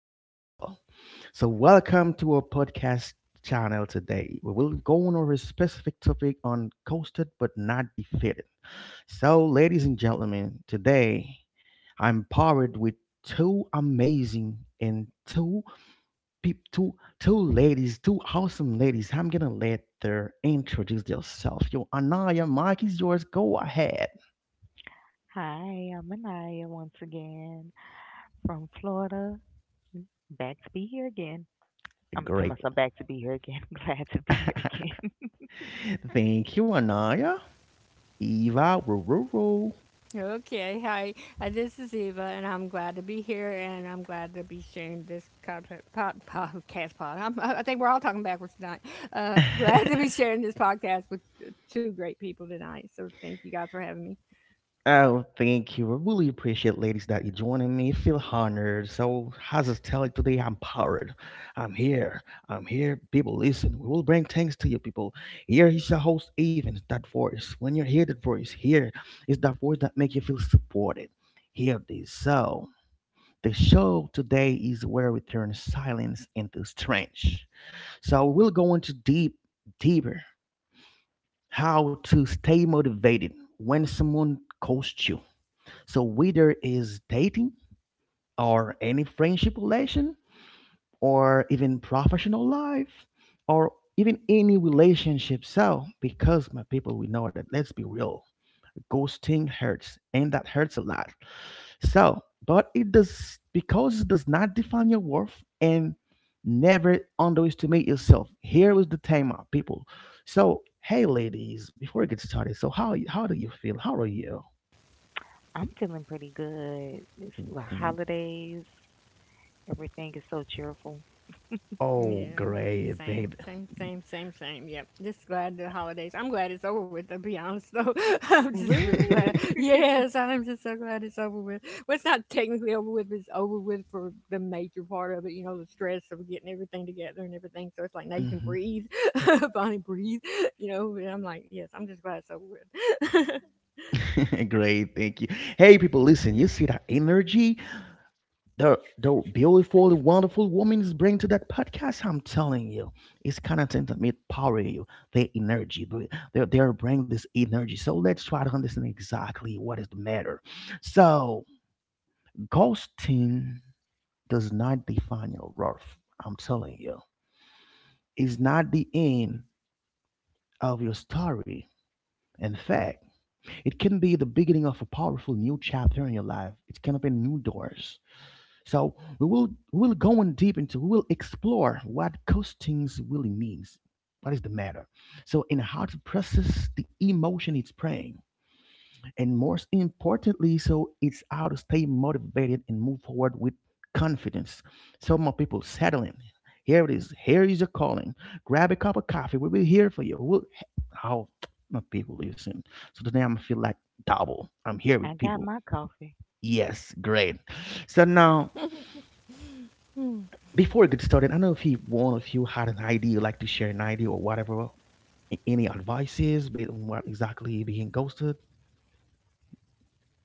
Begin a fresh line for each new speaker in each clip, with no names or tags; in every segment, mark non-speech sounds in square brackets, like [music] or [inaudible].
Eterall. So welcome to our podcast channel today. We will go on over a specific topic on coasted but not defeated. So ladies and gentlemen, today I'm powered with two amazing and two peop two two ladies, two awesome ladies. I'm gonna let them introduce themselves. Yo, Anaya, Mike is yours. Go ahead.
Hi, I'm Anaya once again from Florida. Back to be here again. I'm to
Great.
myself back to be here again. [laughs] Glad to be here again.
Thank you, Anaya. Eva, Rururu.
Okay, hi. This is Eva, and I'm glad to be here, and I'm glad to be sharing this pod, pod, podcast pod. I'm, I think we're all talking backwards tonight. Glad to be sharing this podcast with two great people tonight. So thank you guys for having me.
Oh, thank you. I really appreciate, ladies, that you're joining me. Feel honored. So, how's it tell you today? I'm powered. I'm here. I'm here. People, listen. We will bring things to you, people. Here is your host, Even. That voice. When you hear that voice, here is that voice that make you feel supported. Hear this. So, the show today is where we turn silence into strength. So, we'll go into deeper. How to stay motivated when someone costs you, so whether is dating or any friendship relation or even professional life or even any relationship. So because my people, we know that, let's be real, ghosting hurts and that hurts a lot. So, but it does, because it does not define your worth, and never underestimate yourself. Here is the time, my people. So, hey, ladies, before we get started, so how do you feel? How are you?
[laughs] I'm feeling pretty good. It's the
Hmm.
holidays. Everything is so cheerful.
Oh,
Yeah.
great,
Same,
babe.
same, same, same, same. Yep. Just glad the holidays. I'm glad it's over with. To be honest, though, [laughs] I'm just really glad.
Really?
Yes, I'm just so glad it's over with. Well, it's not technically over with, but it's over with for the major part of it. You know, the stress of getting everything together and everything. So it's like now you can
Mhm.
breathe, [laughs] finally breathe. You know, and I'm like, yes, I'm just glad it's over with.
[laughs] Great, thank you. Hey, people, listen. You see that energy the beautiful, wonderful woman is bringing to that podcast? I'm telling you, it's kind of thing that may power you. The energy, they are bringing this energy. So let's try to understand exactly what is the matter. So ghosting does not define your worth. I'm telling you, it's not the end of your story. In fact, it can be the beginning of a powerful new chapter in your life. It can open new doors. So we'll go in deep into, we will explore what costings really means. What is the matter? So, and how to process the emotion it's praying. And most importantly, so it's how to stay motivated and move forward with confidence. So my people settling. Here it is. Here is your calling. Grab a cup of coffee. We'll be here for you. We'll how, my people, listen. So today I'm feel like double. I'm here
I
with
got
people.
my coffee.
Yes, great. So now
Hmm.
before we get started, I know if you, one of you had an idea, like to share an idea or whatever, any advices, be it on what exactly being ghosted.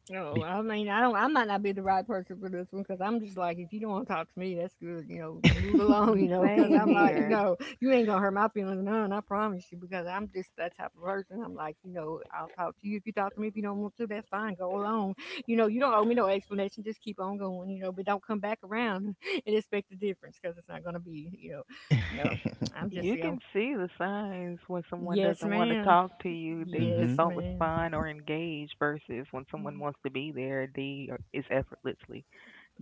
No,
Be-
I mean, I don't. I might not be the right person for this one because I'm just like, if you don't want to talk to me, that's good. You know, move [laughs] along.
The
Because
same
I'm
[laughs]
like,
here.
you ain't gonna hurt my feelings none. I promise you, because I'm just that type of person. I'm like, I'll talk to you if you talk to me. If you don't want to, that's fine. Go along. You know, you don't owe me no explanation. Just keep on going. But don't come back around [laughs] and expect a difference because it's not gonna be. You know, no. I'm just,
You
you
can
know,
see the signs when someone
yes,
doesn't want to
ma'am.
talk to you. They
mm-hmm.
just
Yes,
don't
ma'am.
respond or engage versus when someone wants to be there, they are, it's effortlessly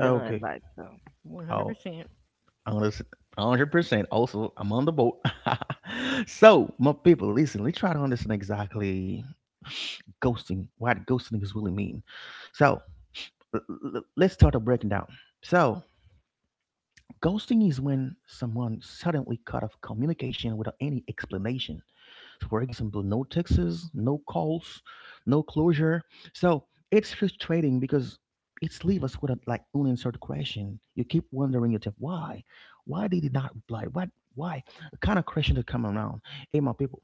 done like so.
One hundred
Oh,
percent.
I'm gonna s- 100%. Also, I'm on the boat. [laughs] So, my people, listen, let's try to understand exactly ghosting, what ghosting is really mean. So, l- let's start a breaking down. So, ghosting is when someone suddenly cut off communication without any explanation, for example, no texts, no calls, no closure. So it's frustrating because it's leave us with a, like, unanswered question. You keep wondering yourself why they did he not reply? What, why? The kind of question that come around. Hey, my people,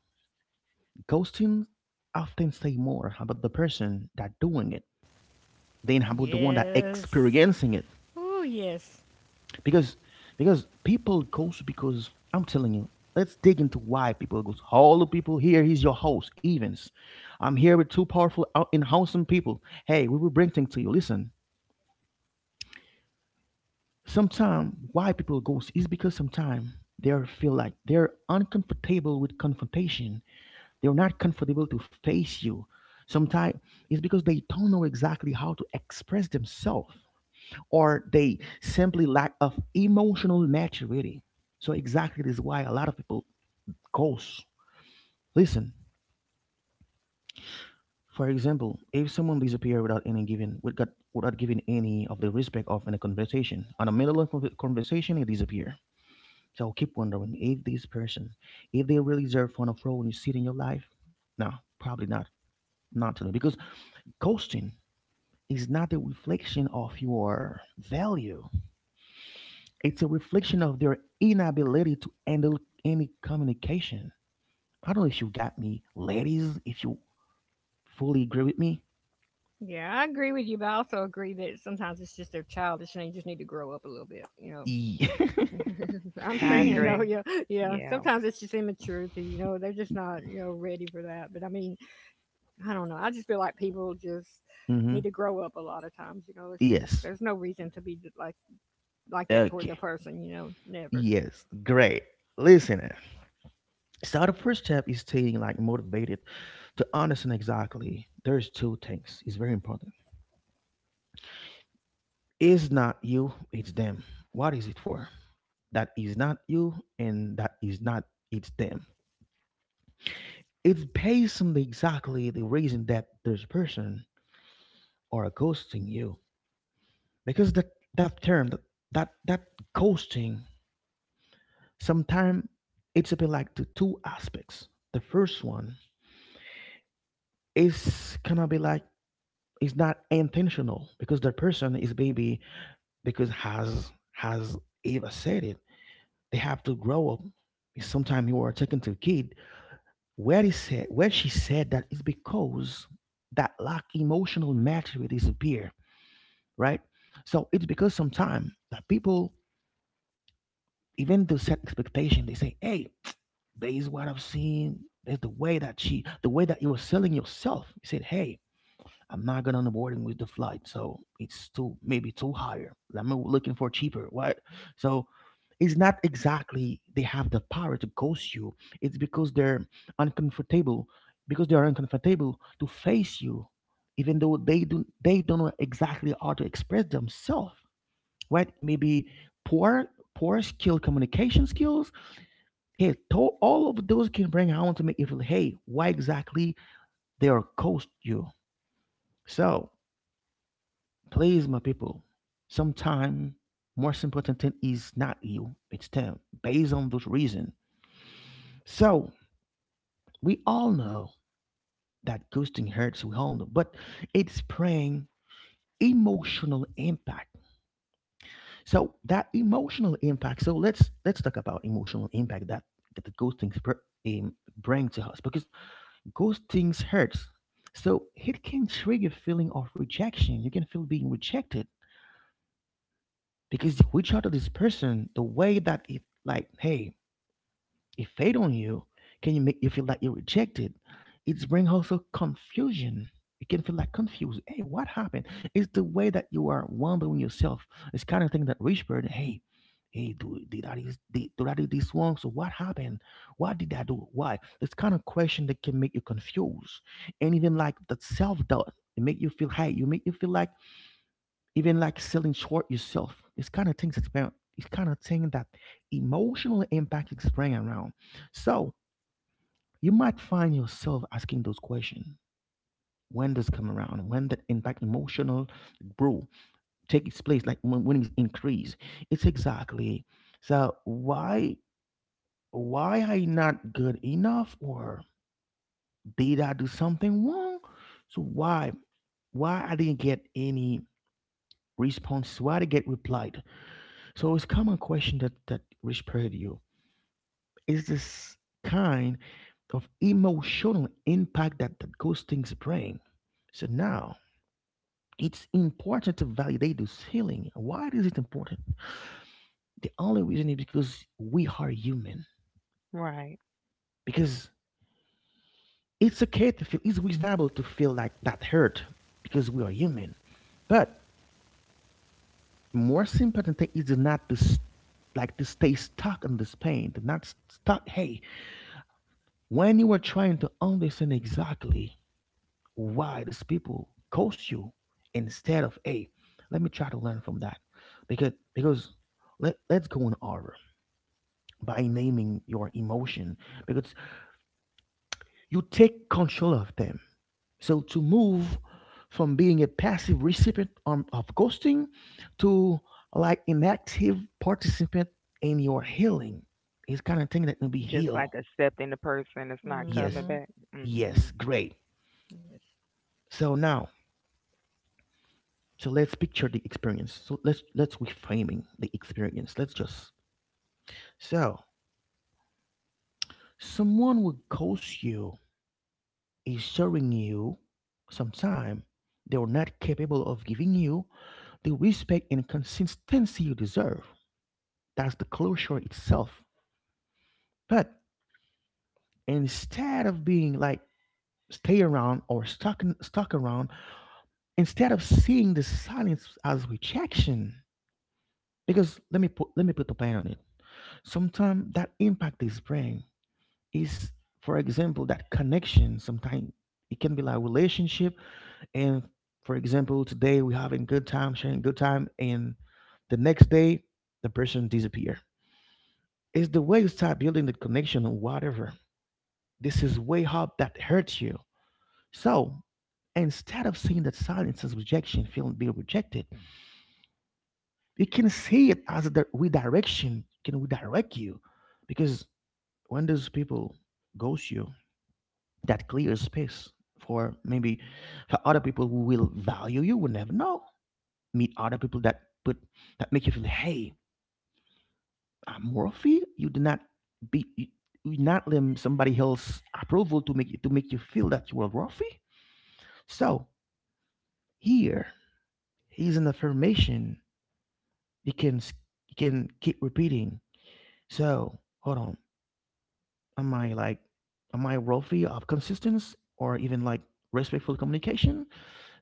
ghosting often say more about the person that doing it than about the one that
Yes.
experiencing it.
Oh yes.
because because people goes, because I'm telling you, let's dig into why people goes. Hello, people, here he's your host, Evans. I'm here with two powerful and handsome people. Hey, we will bring things to you. Listen, sometimes why people goes is because sometimes they are feel like they're uncomfortable with confrontation. They're not comfortable to face you. Sometimes it's because they don't know exactly how to express themselves, or they simply lack of emotional maturity. So exactly this is why a lot of people ghost. Listen, for example, if someone disappears without any giving, without giving any of the respect of in a conversation, on the middle of a conversation, they disappear. So keep wondering if this person, if they really deserve on a role you see in your life. No, probably not. Not to them. Because ghosting is not a reflection of your value. It's a reflection of their inability to handle any communication. I don't know if you got me, ladies, if you fully agree with me.
Yeah, I agree with you, but I also agree that sometimes it's just they're childish and they just need to grow up a little bit. You
Yeah.
know,
[laughs]
[laughs] I'm
I
saying
Mm-hmm.
agree.
though, yeah, yeah.
Yeah,
Sometimes it's just immaturity. They're just not ready for that. But I mean, I don't know. I just feel like people just need to grow up a lot of times. You know, it's just
Yes.
there's no reason to be like that towards a
Okay.
person. You know, never.
Yes. Great. Listen. Eh. So the first step is staying like motivated to understand exactly. There's two things. It's very important. It's not you, it's them. What is it for? That is not you, and that is not, it's them. It's based on the exactly the reason that this person are ghosting you. Because that term, that ghosting sometimes it's a bit like the two aspects. The first one is gonna be like it's not intentional because the person is maybe because has, Eva said it. They have to grow up. Sometimes you are talking to a kid. Where she said that is because that lack emotional maturity disappear, right? So it's because sometimes that people, even they set expectation, they say, hey, [tsk] this is what I've seen. There's the way that she, the way that you're selling yourself. You said, hey, I'm not going on the boarding with the flight. So it's too, maybe too higher. I'm looking for cheaper, right? So it's not exactly they have the power to ghost you. It's because they're uncomfortable, because they are uncomfortable to face you, even though they don't know exactly how to express themselves, right? Maybe poor poor skill communication skills. Hey, all of those can bring out to me if, hey, why exactly they are cost you. So please, my people, sometime most important thing is not you, it's them. Based on those reasons. So we all know that ghosting hurts. We all know, but it's praying emotional impact. So that emotional impact. So let's talk about emotional impact that that those br- bring to us because ghosting hurts. So it can trigger feeling of rejection. You can feel being rejected because you reach out to this person the way that it, like, hey, it fade on you. Can you make you feel like you're rejected? It's bring also confusion. You can feel like confused. Hey, what happened? It's the way that you are wondering yourself. It's kind of thing that rich bird. Hey, hey, do, did I is- did I do this wrong? So what happened? What did I do? Why? This kind of question that can make you confused, and even like that self doubt. It make you feel, hey, you make you feel like even like selling short yourself. It's kind of things that's about, it's kind of thing that emotional impact is bring around. So you might find yourself asking those questions. When does come around? When that impact emotional grow take its place? Like when it's increased, it's exactly, so why I not good enough, or did I do something wrong? So why I didn't get any response? So why I didn't get replied? So it's a common question that that respect you is this kind of emotional impact that that ghostings bring. So now it's important to validate this feeling. Why is it important? The only reason is because we are human.
right.
Because it's okay to feel, it's reasonable to feel like that hurt because we are human. But more important thing is not to like to stay stuck on this pain, to not stuck. Hey, when you are trying to understand exactly why these people cost you, instead of, hey, let me try to learn from that, because let's go on over by naming your emotion, because you take control of them, so to move from being a passive recipient on, of ghosting to like an active participant in your healing is kind of thing that can be
Just
healed.
like accepting the person that's not coming
Yes.
Mm-hmm.
back. Mm-hmm.
Yes, great.
Yes.
So now, so let's picture the experience. So let's reframing the experience. Let's just so someone will ghost you is showing you some time they are not capable of giving you the respect and consistency you deserve. That's the closure itself. But instead of being like stay around or stuck in- stuck around, instead of seeing the silence as rejection, because let me put the point on it. Sometimes that impact is brain is, for example, that connection sometimes it can be like relationship. And for example, today we having good time sharing good time, and the next day the person disappear. It's the way you start building the connection or whatever. This is way up that hurts you. So instead of seeing that silence as rejection, feeling being rejected, you can see it as a redirection, can redirect you. Because when those people ghost you, that clears space for maybe, for other people who will value you, will never know, meet other people that put, that make you feel, hey, I'm worthy. You do not be you, you not let somebody else approval to make you feel that you are worthy. So here is an affirmation you can you can keep repeating. So hold on, am I like, am I worthy of consistency or even like respectful communication?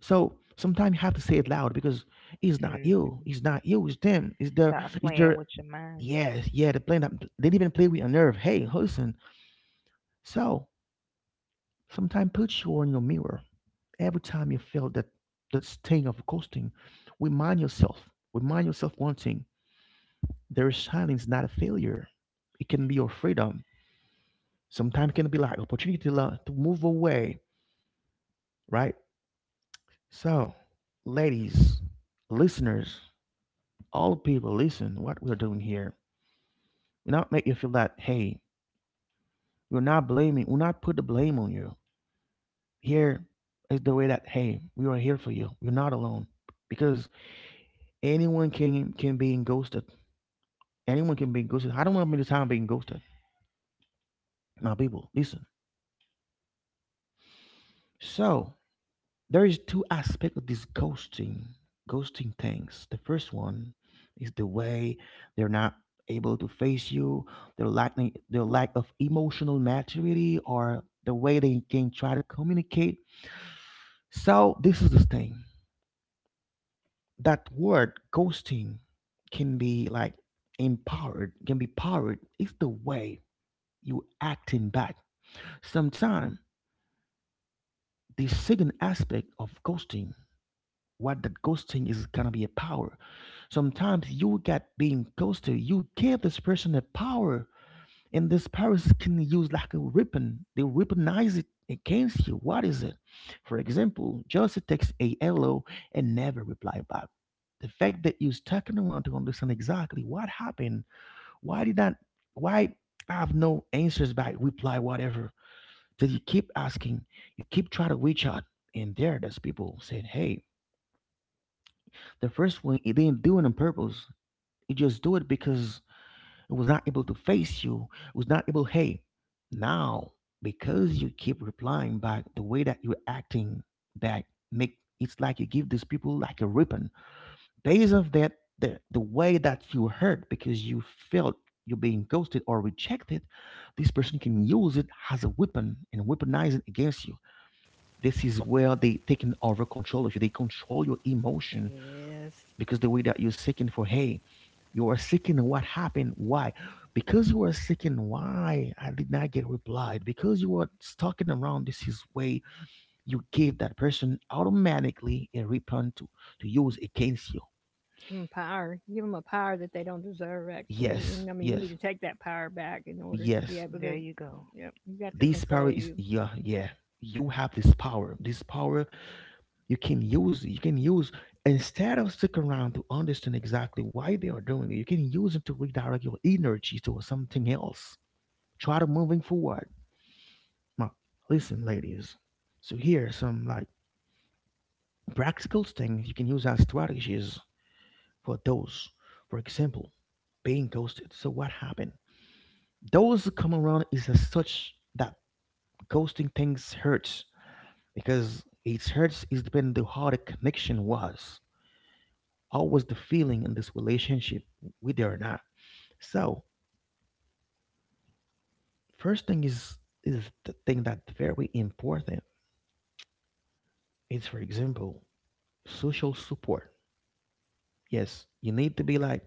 So sometimes you have to say it loud, because it's not you,
Mm-hmm.
it's not you, it's them. Is there?
Stop
Is
playing
there?
with your mind.
Yes, yeah, they're that. They didn't even play with a nerve. Hey, listen. So sometimes put you on your mirror. Every time you feel that, that sting of ghosting, remind yourself, remind yourself one thing: their silence is not a failure. It can be your freedom. Sometimes it can be like opportunity to, to move away, right? So, ladies, listeners, all people, listen what we're doing here. We not make you feel that, hey, we're not blaming, we're not put the blame on you. Here is the way that, hey, we are here for you. You're not alone. Because anyone can be ghosted. Anyone can be ghosted. I don't want me to time being ghosted. My people, listen. So there is two aspects of this ghosting, ghosting things. The first one is the way they're not able to face you, their lack, their lack of emotional maturity, or the way they can try to communicate. So this is the thing. That word ghosting can be like empowered, can be powered. It's the way you acting back. Sometimes the second aspect of ghosting, what that ghosting is gonna be a power. Sometimes you get being ghosted, you give this person a power, and this powers can use like a weapon. They weaponize it against you. What is it? For example, Josie texts a hello and never reply back. The fact that you're stalking around to understand exactly what happened, why did that, why I have no answers back, reply whatever. So you keep asking, you keep trying to reach out, and there's people saying, "Hey, the first one, it didn't do it on purpose. You just do it because it was not able to face you. It was not able, hey, now because you keep replying back, the way that you're acting, that make it's like you give these people like a ribbon based of that, the way that you hurt because you felt you're being ghosted or rejected, this person can use it as a weapon and weaponize it against you. This is where they taking over control of you, they control your emotion.
Yes.
Because the way that you're seeking for, hey, you are seeking what happened, why, because you are seeking why I did not get replied, because you are stalking around, this is way you gave that person automatically a weapon to use against you.
Give them power. Give them a power that they don't deserve, actually.
Yes,
And I mean, you need
yes,
to take that power back in order to be
yes,
able to.
There you go.
Yep, you got to
this power
control
is,
you.
yeah, yeah, you have this power, this power you can use, you can use, instead of sticking around to understand exactly why they are doing it, you can use it to redirect your energy to something else. Try to moving forward. Now, listen, ladies. So here are some like practical things you can use as strategies for those. For example, being ghosted. So what happened? Those who come around is as such that ghosting things hurts, because it hurts is depending on how the connection was. How was the feeling in this relationship, whether or not? So first thing is the thing that's very important. It's for example social support. Yes, you need to be like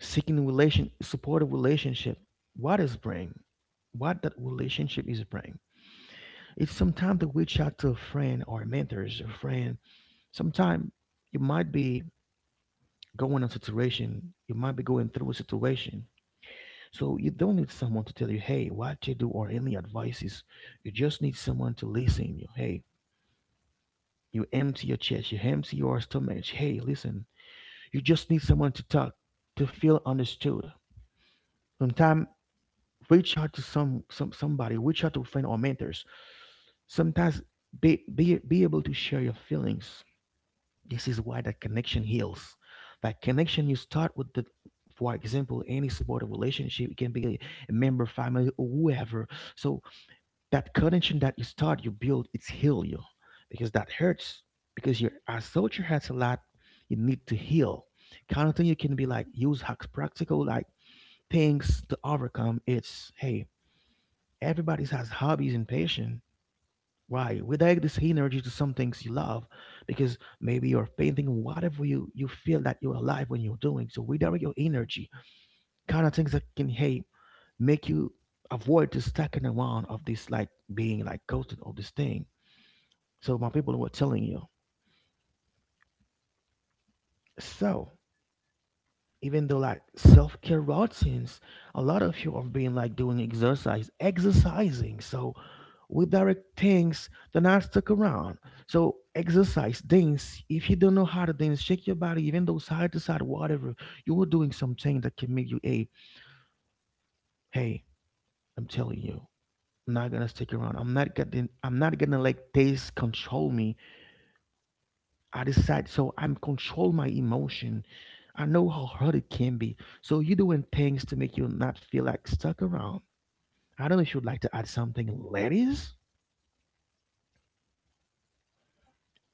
seeking a relation, supportive relationship. What is bring? What that relationship is bring? It's sometimes to reach out to a friend or mentors or friend. Sometimes you might be going on situation, you might be going through a situation. So you don't need someone to tell you, hey, what to do or any advices. You just need someone to listen you. Hey, you empty your chest, you empty your stomach. Hey, listen. You just need someone to talk, to feel understood. Sometimes reach out to some somebody, reach out to friend or mentors. Sometimes be, be able to share your feelings. This is why that connection heals. That connection you start with the, for example, any supportive relationship, it can be a member family or whoever. So that connection that you start you build, it's heal you, because that hurts, because your assault your hurts a lot, you need to heal. Kind of thing you can be like use hacks practical like things to overcome, it's hey, everybody has hobbies and passion. Why? We direct this energy to some things you love, because maybe you're painting whatever you, you feel that you're alive when you're doing. So we direct your energy. Kind of things that can, hey, make you avoid the stacking around of this like being like ghosted of this thing. So my people were telling you. So even though like self-care routines, a lot of you are being like doing exercise, exercising. So with direct things they're not stuck around. So exercise, dance, if you don't know how to dance, shake your body even though side to side whatever, you are doing something that can make you a, hey, I'm telling you, I'm not gonna stick around, I'm not getting, I'm not gonna let this control me. I decide, so I'm control my emotion. I know how hard it can be. So you're doing things to make you not feel like stuck around. I don't know if you'd like to add something, ladies.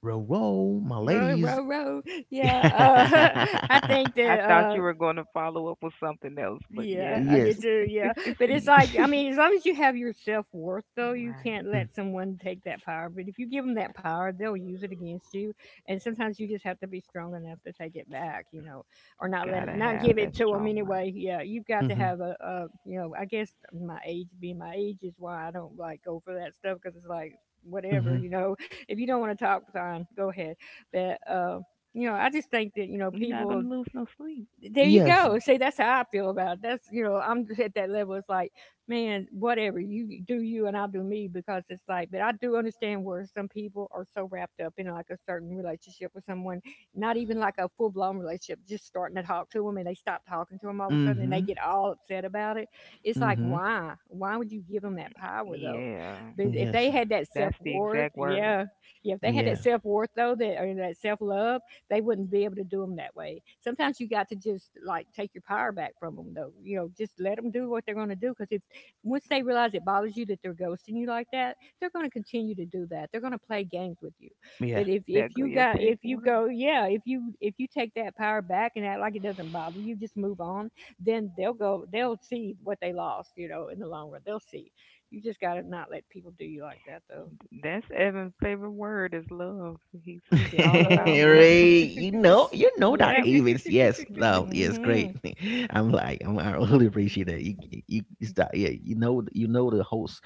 Roll, row my
Row,
ladies.
row, row. Yeah, [laughs] I think
I
that.
[laughs]
thought you
uh,
were going to follow up with something else, but
Yeah,
yes,
I did
Yes.
too. Yeah, but it's
Y-
like I mean, as long as you have your self worth, though, you
right.
can't let
[laughs]
someone take that power. But if you give them that power, they'll use it against you, and sometimes you just have to be strong enough to take it back, or not let it,
Gotta
not
have
give
that
it to them
strong mind.
anyway. Yeah, you've got to
Mm-hmm.
have a I guess my age is why I don't like go for that stuff because it's like whatever,
Mm-hmm.
you know, if you don't want to talk, fine, go ahead. But you know, I just think that you know
You're not
people
gonna lose no sleep.
there you
Yes.
go. See, that's how I feel about it. That's you know, I'm at that level. It's like, man, whatever you do, you and I'll do me because it's like. But I do understand where some people are so wrapped up in like a certain relationship with someone, not even like a full blown relationship, just starting to talk to them and they stop talking to them all of a sudden and they
Mm-hmm.
get all upset about it. It's like,
Mm-hmm.
why? Why would you give them that power though?
Yeah,
But if
Yes.
they had that self
that's the
worth,
exact word.
yeah, yeah, if they had that
Yeah.
self worth though, that or that self love they wouldn't be able to do them that way. Sometimes you got to just like take your power back from them, though. You know, just let them do what they're going to do. Because if once they realize it bothers you that they're ghosting you like that, they're going to continue to do that. They're going to play games with you.
Yeah.
But if
That
if
go
you
your
got
favorite
if you
word.
go yeah if you take that power back and act like it doesn't bother you, just move on. Then they'll go. They'll see what they lost. You know, in the long run, they'll see. You just got to not let people do you like that, though.
That's Evan's favorite word is love. He speaks
[laughs]
Self
all about
love. Yep.
love.
Ray, you know that
Yep.
Evans,
[laughs]
yes, love, yes,
hmm
great. [laughs] I'm like, I'm, I really appreciate it. You, it's that, yeah, you know the host,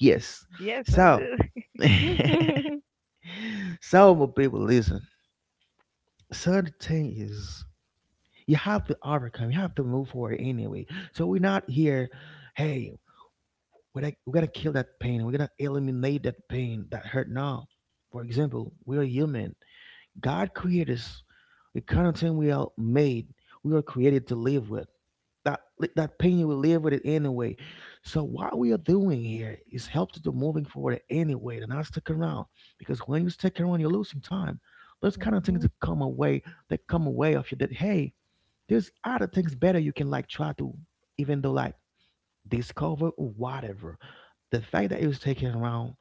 yes.
Yes, I
So,
do.
Mhm,
[laughs] so my people, listen. So the thing is, you have to overcome, you have to move forward anyway. So we're not here, hey, we're, like, we're gonna kill that pain, we're gonna eliminate that pain that hurt now. For example, we are human, God created us, the kind of thing we are made, we are created to live with that, that pain you will live with it anyway. So what we are doing here is help to do moving forward anyway and not stick around. Because when you stick around you're losing time, those kind of things
mhm,
that come away, that come away of you, that hey, there's other things better you can like try to, even though like, discover or whatever. The fact that it was taken around,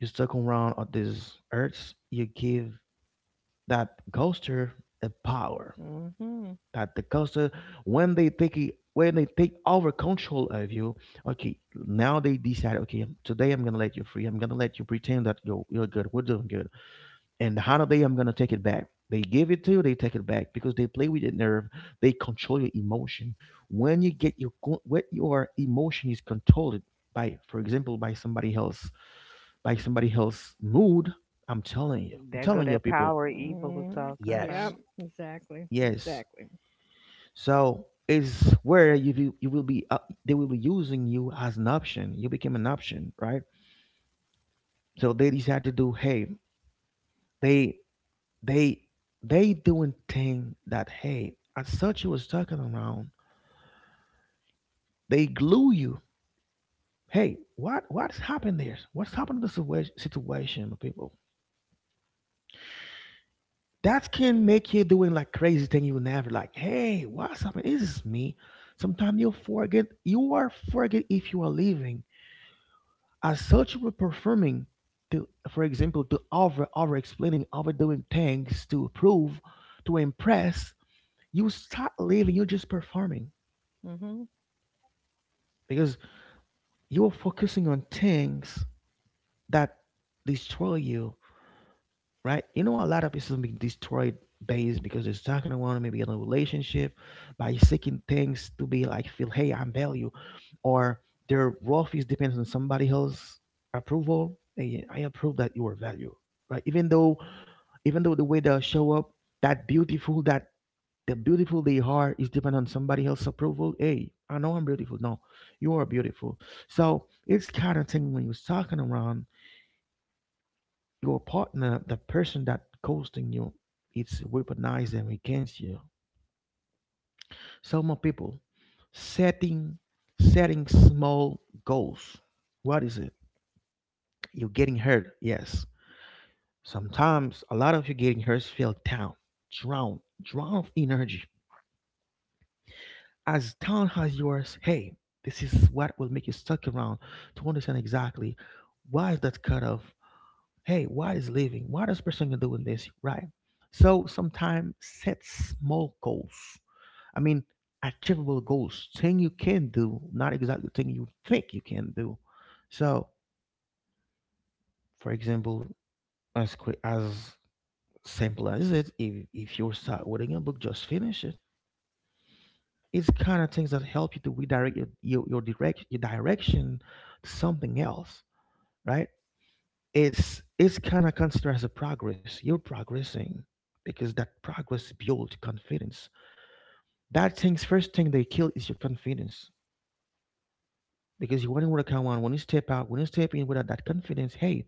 you're stuck around on this earth, you give that ghoster a power.
mhm.
That the ghoster, when they take it, when they take over control of you, okay, now they decide, okay, today I'm gonna let you free. I'm gonna let you pretend that you're good. We're doing good. And how do they, I'm gonna take it back, they give it to you, they take it back, because they play with your nerve, they control your emotion. When you get your, when your emotion is controlled by, for example, by somebody else, by somebody else mood, I'm telling you, I'm
That go
telling you
that
people,
power evil was talking
Yep,
yes,
about.
exactly,
yes.
exactly.
So it's where you you will be they will be using you as an option, you became an option, right? So they decide to do, hey, they they they doing thing that hey, I thought you was talking around, they glue you, hey, what's happened there, what's happened to the situation, my people. That can make you doing like crazy thing you never like, hey, what's happening, is this me? Sometimes you forget, you are forget if you are leaving, as such you were performing to, for example, to over explaining, overdoing things to prove, to impress, you start leaving you're just performing.
hmm
Because you're focusing on things that destroy you, right? You know, a lot of people being destroyed based because they're stuck in one, maybe in a relationship, by seeking things to be like feel, hey, I'm value, or their worth is depends on somebody else approval. Hey, I approve that you are value, right? Even though the way they show up, that beautiful, that the beautiful they are is depend on somebody else's approval. Hey, I know I'm beautiful. No, you are beautiful. So it's kind of thing when you're talking around your partner, the person that ghosting you, it's weaponized and against you. So more people setting, setting small goals. What is it? You're getting hurt. Yes. Sometimes a lot of you getting hurt feel down, drown, drown of energy. As town has yours, hey, this is what will make you stuck around to understand exactly why is that cut off? Hey, why is leaving? Why this person doing this? Right. So sometimes set small goals. I mean, achievable goals, thing you can do, not exactly thing you think you can do. So, for example, as quick as simple as it, if you're start reading a book, just finish it. It's kind of things that help you to redirect your direct your direction to something else, right? It's kind of considered as a progress. You're progressing because that progress builds confidence. That thing's first thing they kill is your confidence. Because you wouldn't want to come on when you step out, when you step in without that confidence, hey,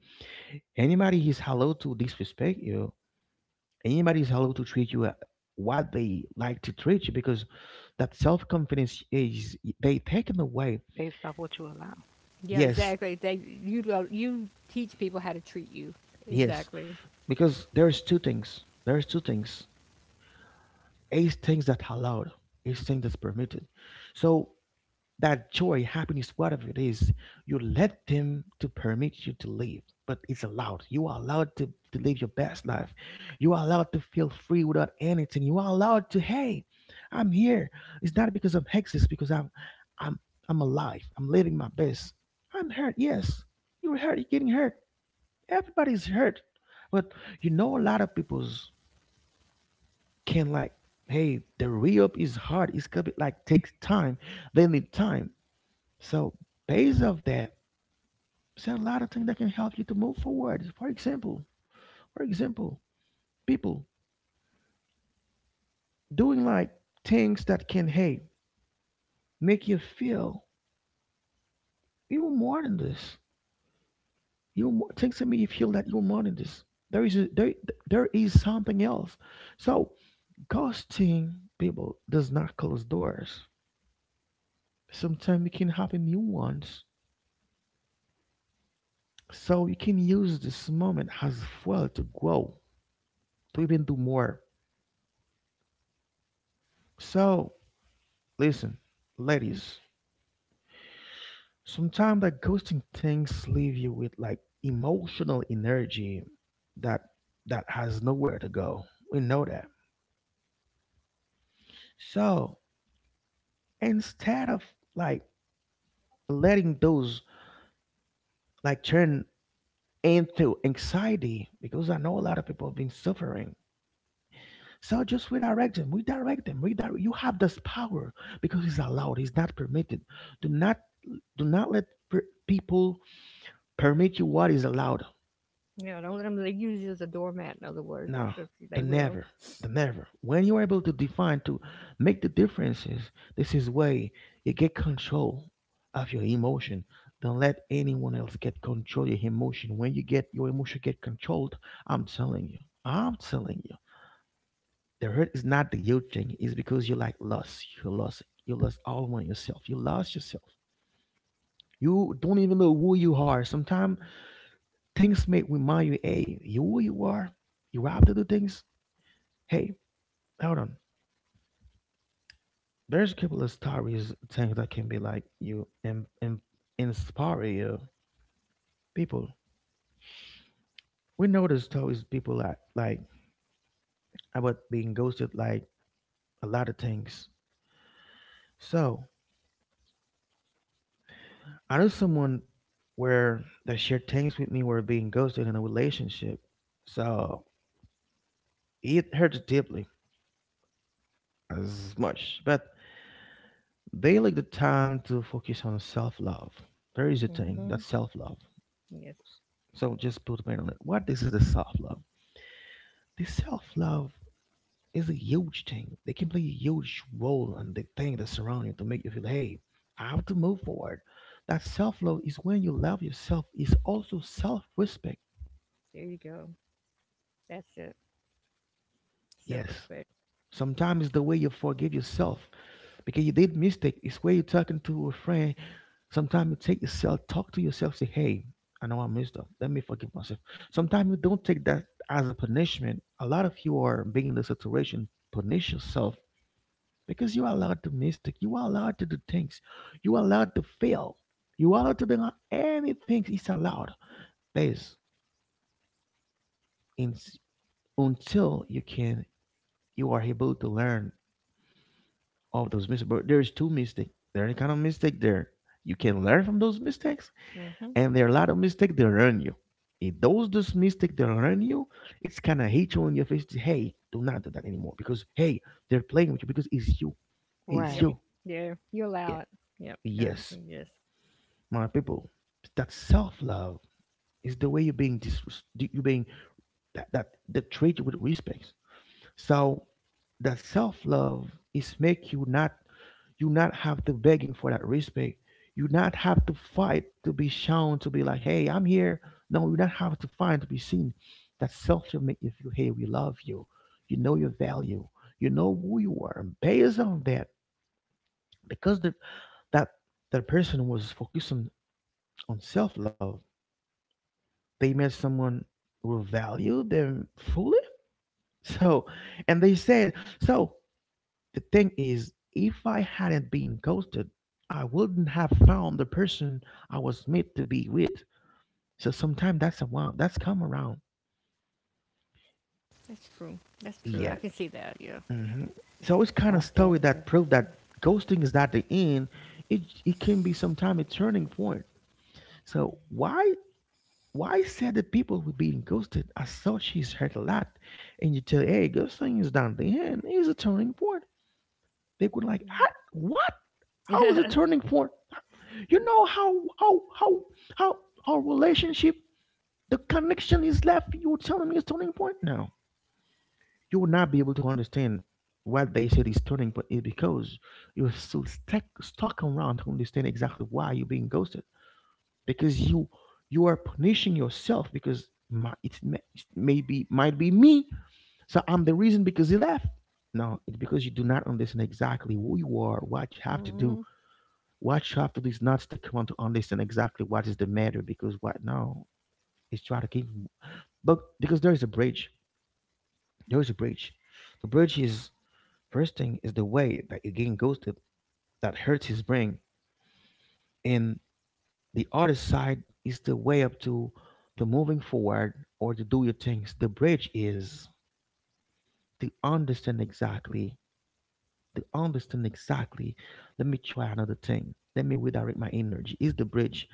anybody is hello to disrespect you. Anybody is hello to treat you what they like to treat you because that self confidence is they taken away.
It's based off what you allow.
Yeah,
Yes,
exactly. They you teach people how to treat you.
yes,
Exactly.
because there's two things, is things that allowed, is things that's permitted, so that joy happiness whatever it is you let them to permit you to live, but it's allowed. You are allowed to, live your best life. You are allowed to feel free without anything. You are allowed to, hey, I'm here. It's not because I'm hex, because I'm i'm I'm alive. I'm living my best. I'm hurt. Yes, you were hurt. You're getting hurt. Everybody's hurt. But you know a lot of people's, can like, hey, the re-up is hard. It's gonna be like takes time. They need time. So based off that, there's a lot of things that can help you to move forward. For example, for example people doing like things that can, hey, make you feel you're more than this. You more, things that make you feel that you're more than this. there is a, there, there is something else. So ghosting people does not close doors. Sometimes it can happen new ones. So you can use this moment as well to grow, to even do more. So listen, ladies, sometimes that ghosting things leave you with like emotional energy that has nowhere to go. We know that. So instead of, like, letting those, like, turn into anxiety, because I know a lot of people have been suffering. So just redirect them. Redirect them. Redirect. You have this power because it's allowed. It's not permitted. Do not let people permit you what is allowed.
Yeah, don't let them they use you as a doormat. In other words,
No,
because they
the
will.
never, the never. When you are able to define, to make the differences, this is way you get control of your emotion. Don't let anyone else get control of your emotion. When you get your emotion get controlled, I'm telling you, I'm telling you. The hurt is not the guilt thing. It's because you like lost. You lost. You lost all on yourself. You lost yourself. You don't even know who you are. Sometimes things make remind you, hey, you who you are. You have to do things. Hey, hold on. There's a couple of stories, things that can be like you and inspire you. People, we know the stories. People like about being ghosted, like a lot of things. So I knew someone where that shared things with me were being ghosted in a relationship. So it hurt deeply as much. But they like the time to focus on self love. There is a thing
hmm
that's self love.
Yes,
So just put a pin on it. What this is the self love? This self love is a huge thing. They can play a huge role on the thing that surround you to make you feel, hey, I have to move forward. That self love is when you love yourself. Is also self respect.
there you go. That's it. Self
Yes,
respect.
sometimes it's the way you forgive yourself because you did mistake. It's where you're talking to a friend. Sometimes you take yourself, talk to yourself, say, "Hey, I know I messed up. Let me forgive myself." Sometimes you don't take that as a punishment. A lot of you are being in the situation punish yourself because you are allowed to mistake. You are allowed to do things. You are allowed to fail. You are allowed to bring out anything. It's allowed. Please, in, until you can, you are able to learn of those mistakes. But there's two mistakes. There any kind of mistake there. You can learn from those mistakes,
hmm
and there are a lot of mistakes that learn you. If those mistakes that learn you, it's kind of hate you in your face, to, hey, do not do that anymore because hey, they're playing with you because it's you, it's
Yep.
you.
Right.
Yeah, you
Yeah,
allow it. Yep, gotcha.
yes,
Yes,
my people. That self love is the way you're being you being that treat you with respect. So that self love is make you not, you not have to begging for that respect. You not have to fight to be shown, to be like, hey, I'm here. No, you not have to fight to be seen. That self will make you feel, hey, we love you. You know your value. You know who you are, and based on that, because the, that person was focusing on self-love, they met someone who will value them fully [laughs] so and they said, so the thing is, if I hadn't been ghosted, I wouldn't have found the person I was meant to be with. So sometimes that's around, that's come around.
that's true. That's true. I
Yeah.
can see that. Yeah.
Hmm. So it's kind of
I've
story
dealt with
that
it
prove
myself.
that ghosting is not the end. It can be sometimes a turning point. So why said that people were being ghosted? I saw she's hurt a lot, and you tell, hey, ghosting is not the end. It's a turning point. They could like, "Huh? What? How is it turning
[laughs]
point? You know how our relationship, the connection is left. You're telling me it's turning point now. You will not be able to understand what they said is turning point is because you're still stuck around to understand exactly why you're being ghosted. Because you are punishing yourself because my, it may be might be me. So I'm the reason because he left. No, it's because you do not understand exactly who you are, what you have to
hmm
do,
hmm
what shop to do is not stick around to understand exactly what is the matter because what now is try to keep, but because there is a bridge. There is a bridge. The bridge is first thing is the way that again goes to that hurts his brain. And the other side is the way up to the moving forward or to do your things. The bridge is to understand exactly. To understand exactly. Let me try another thing. Let me redirect my energy. Is the bridge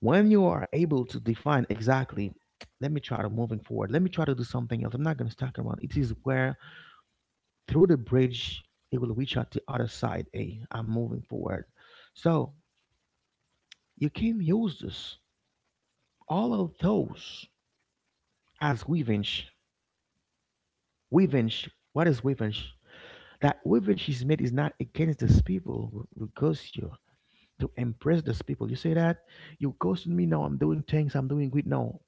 when you are able to define exactly, let me try to moving forward, let me try to do something else, I'm not going to stuck around. It is where through the bridge it will reach out the other side, a I'm moving forward. So you can use this, all of those, as revenge. Revenge, what is revenge? That revenge is made is not against these people because you, to impress these people, you say that you ghosted me, now I'm doing things, I'm doing good now.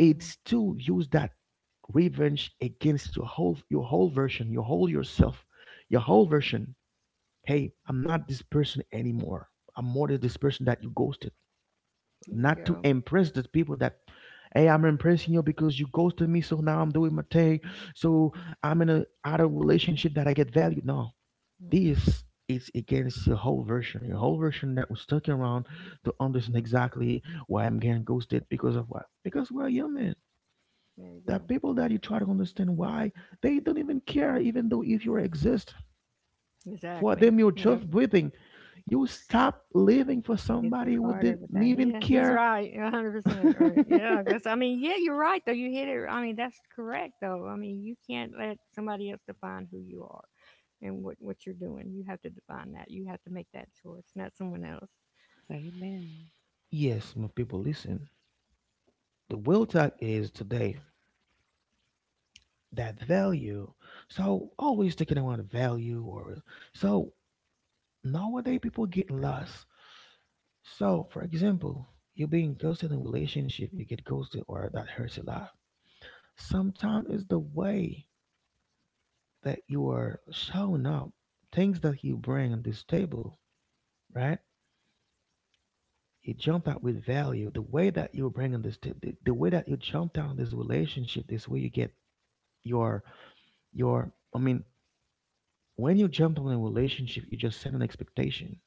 It
There
still use that revenge against your whole, version, your whole yourself, your whole version. Hey, I'm not this person anymore. I'm more than this person that you ghosted.
you
Not to
go.
impress the people that, hey, I'm impressing you because you ghosted me, so now I'm doing my thing. So I'm in a other relationship that I get value. No.
Mm-hmm.
This is against your whole version. Your whole version that was stuck around to understand exactly why I'm getting ghosted because of what? Because we're human,
There you
there are
go.
people that you try to understand why they don't even care, even though if you exist. For
Exactly.
them, you're
Yep.
just breathing. You stop living for
You
somebody who
disregard
didn't
everything.
even
Yeah, he's
care.
right. 100% right. Yeah, that's. I mean, yeah, you're right though. You hit it. I mean, that's correct though. I mean, you can't let somebody else define who you are and what you're doing. You have to define that. You have to make that choice, not someone else.
Amen.
Yes, my people, listen. The will talk is today that value. So always taking around value or, so nowadays people get lost. So for example, you're being ghosted in a relationship, you get ghosted or that hurts a lot. Sometimes it's the way that you are showing up, things that you bring on this table, right? You jump out with value. The way that you bring on this, the way that you jump down on this relationship, this way you get your your. I mean, when you jump on a relationship, you just set an expectation.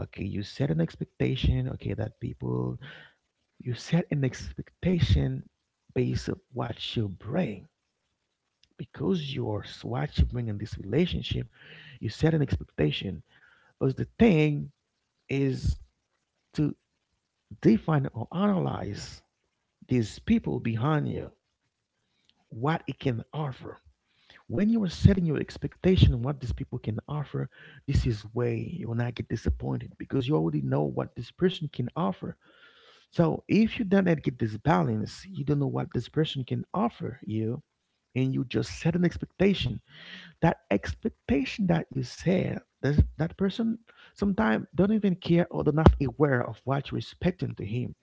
Okay, you set an expectation. Okay, that people, you set an expectation based on what you bring because you're what you bring in this relationship. You set an expectation, but the thing is, to define or analyze these people behind you, what it can offer. When you are setting your expectation on what these people can offer, this is where you will not get disappointed because you already know what this person can offer. So if you don't get this balance, you don't know what this person can offer you, and you just set an expectation, that expectation that you said that that person sometimes don't even care or they're not aware of what you're expecting to him,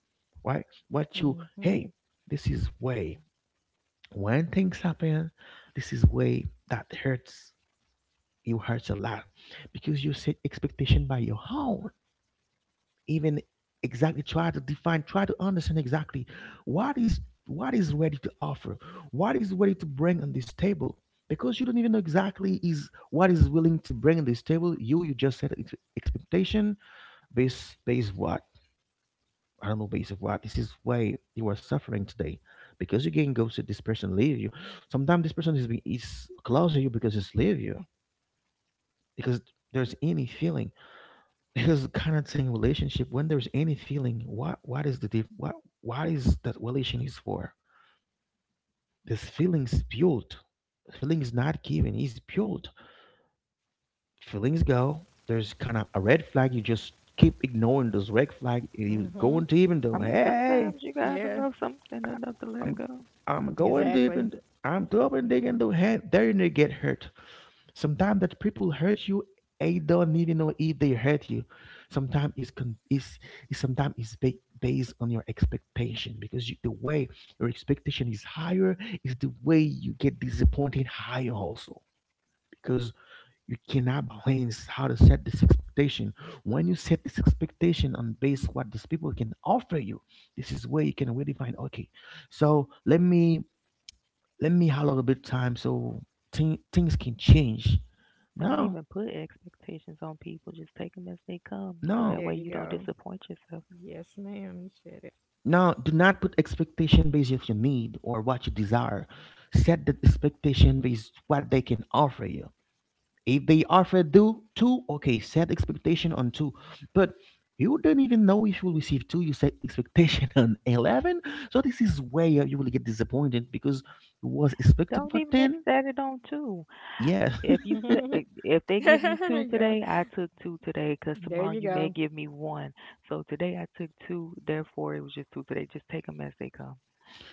right? What you,
Mhm.
hey, this is way when things happen, this is way that hurts you, hurts a lot because you set expectation by your own, even exactly try to define, try to understand exactly what is, what is ready to offer, what is ready to bring on this table, because you don't even know exactly is what is willing to bring on this table. You just set expectation based what, I don't know, based of what. This is why you are suffering today, because you can go to this person, leave you. Sometimes this person is is close to you because it's leave you, because there's any feeling. Because kind of saying relationship, when there's any feeling, what is the diff, what is that relation is for? This feelings built. Feelings not given is built. Feelings go. There's kind of a red flag. You just keep ignoring this red flag. You
Mhm.
going deep into,
I mean,
hey,
sometimes you gotta
Yeah.
love something
I,
enough to let it
I'm
go.
I'm going deep
Exactly.
into, I'm deep and digging the hand. There you need to get hurt. Sometimes that people hurt you, they don't even know if they hurt you. Sometimes is sometimes based on your expectation, because you, the way your expectation is higher is the way you get disappointed higher also, because you cannot balance how to set this expectation. When you set this expectation on base what these people can offer you, this is where you can really find okay. So let me have a little bit time so things can change.
Don't
No,
even put expectations on people. Just take them as they come, so
no,
that
There
way
you
you don't
go.
disappoint yourself.
Yes, ma'am. You said it.
no, do not put expectation based of your need or what you desire. Set the expectation based what they can offer you. If they offer do two, okay, set expectation on two. But you don't even know if you will receive two, you set expectation [laughs] on 11. So this is where you will get disappointed because you was expecting
Don't
for
even ex-
ten.
set it on two.
Yeah.
If
[laughs]
you set, if they give you
there
two
you go.
today, I took two today, 'cause
There
tomorrow
you
you may
go.
give me one. So today I took two, therefore it was just two today. Just take them as they come,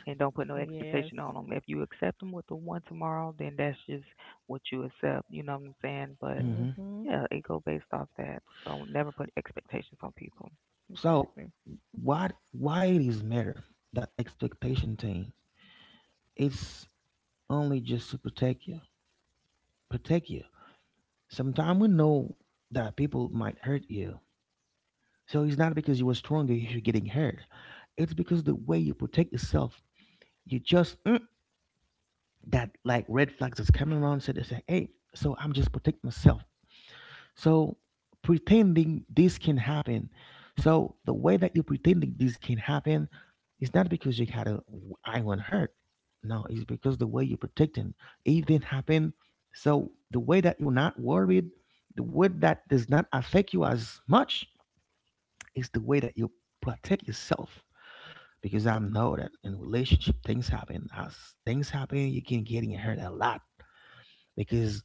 and don't put no
Yes.
expectation on them. If you accept them with the one tomorrow, then that's just what you accept. You know what I'm saying?
[laughs]
But
Hmm.
Mhm.
yeah, it go based off that. Don't never put expectations on people.
So
Exactly.
what, why it is matter that expectation thing? It's only just to protect you. Protect you. Sometimes we know that people might hurt you. So it's not because you were stronger you're getting hurt. It's because the way you protect yourself, you just that like red flags that's coming around. So they say, hey, so I'm just protect myself. So pretending this can happen. So the way that you're pretending this can happen is not because you had a eye on hurt. No, it's because the way you're protecting. It didn't happen. So the way that you're not worried, the way that does not affect you as much is the way that you protect yourself. Because I know that in relationship things happen. As things happen, you can get hurt a lot because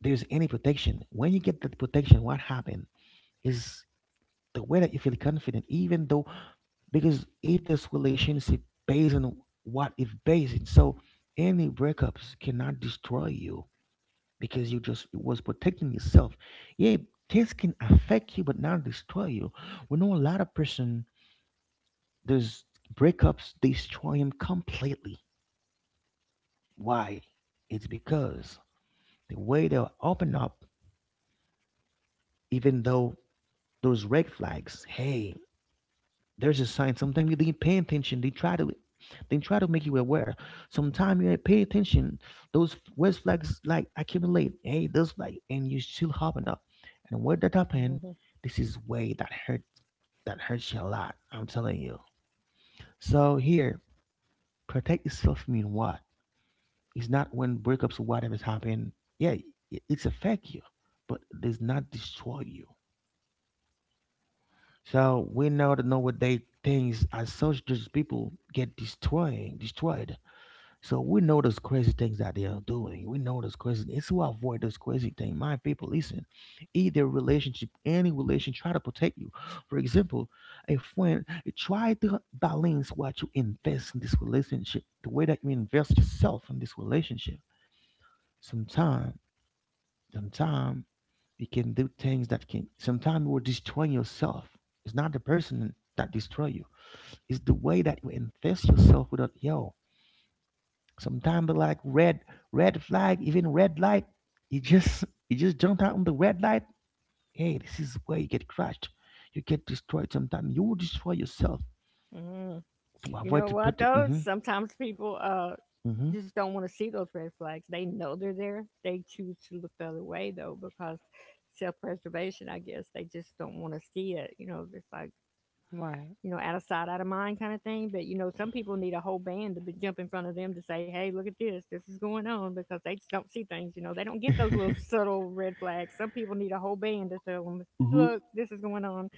there's any protection. When you get that protection, what happened? Is the way that you feel confident, even though, because if this relationship based on what it's based in, so any breakups cannot destroy you, because you just was protecting yourself. Yeah, this can affect you but not destroy you. We know a lot of person those breakups destroy him completely. Why? It's because the way they open up, even though those red flags, hey, there's a sign. Sometimes you didn't pay attention. They try to make you aware. Sometimes you ain't pay attention. Those red flags like accumulate. Hey, those flag, and you still hopping up. And when that happen,
Mhm.
this is way that hurt, that hurts you a lot. I'm telling you. So here, protect yourself mean what? It's not when breakups or whatever's happened. Yeah, it's affect you, but it does not destroy you. So we know that nowadays things as such, those people get destroyed. So we know those crazy things that they are doing. We know those crazy. It's to avoid those crazy things. My people, listen. Either relationship, any relation, try to protect you. For example, a friend, try to balance what you invest in this relationship, the way that you invest yourself in this relationship. Sometimes Sometimes you can do things that can sometimes you will destroy yourself. It's not the person that destroy you. It's the way that you invest yourself without yo. Sometimes like red flag, even red light, you just you just jump out on the red light. Hey, this is where you get crushed. You get destroyed sometimes. You will destroy yourself
Mhm.
to
You
avoid
know
to
what
protect.
though?
Mm-hmm.
Sometimes people
Mm-hmm.
just don't want to see those red flags. They know they're there. They choose to look the other way though because self-preservation, I guess. They just don't want to see it. You know, it's like
Right.
you know, out of sight, out of mind kind of thing. But you know, some people need a whole band to be, jump in front of them to say, "Hey, look at this. This is going on," because they just don't see things. You know, they don't get those little [laughs]
[laughs]
subtle red flags. Some people need a whole band to tell them, "Look, this is going on."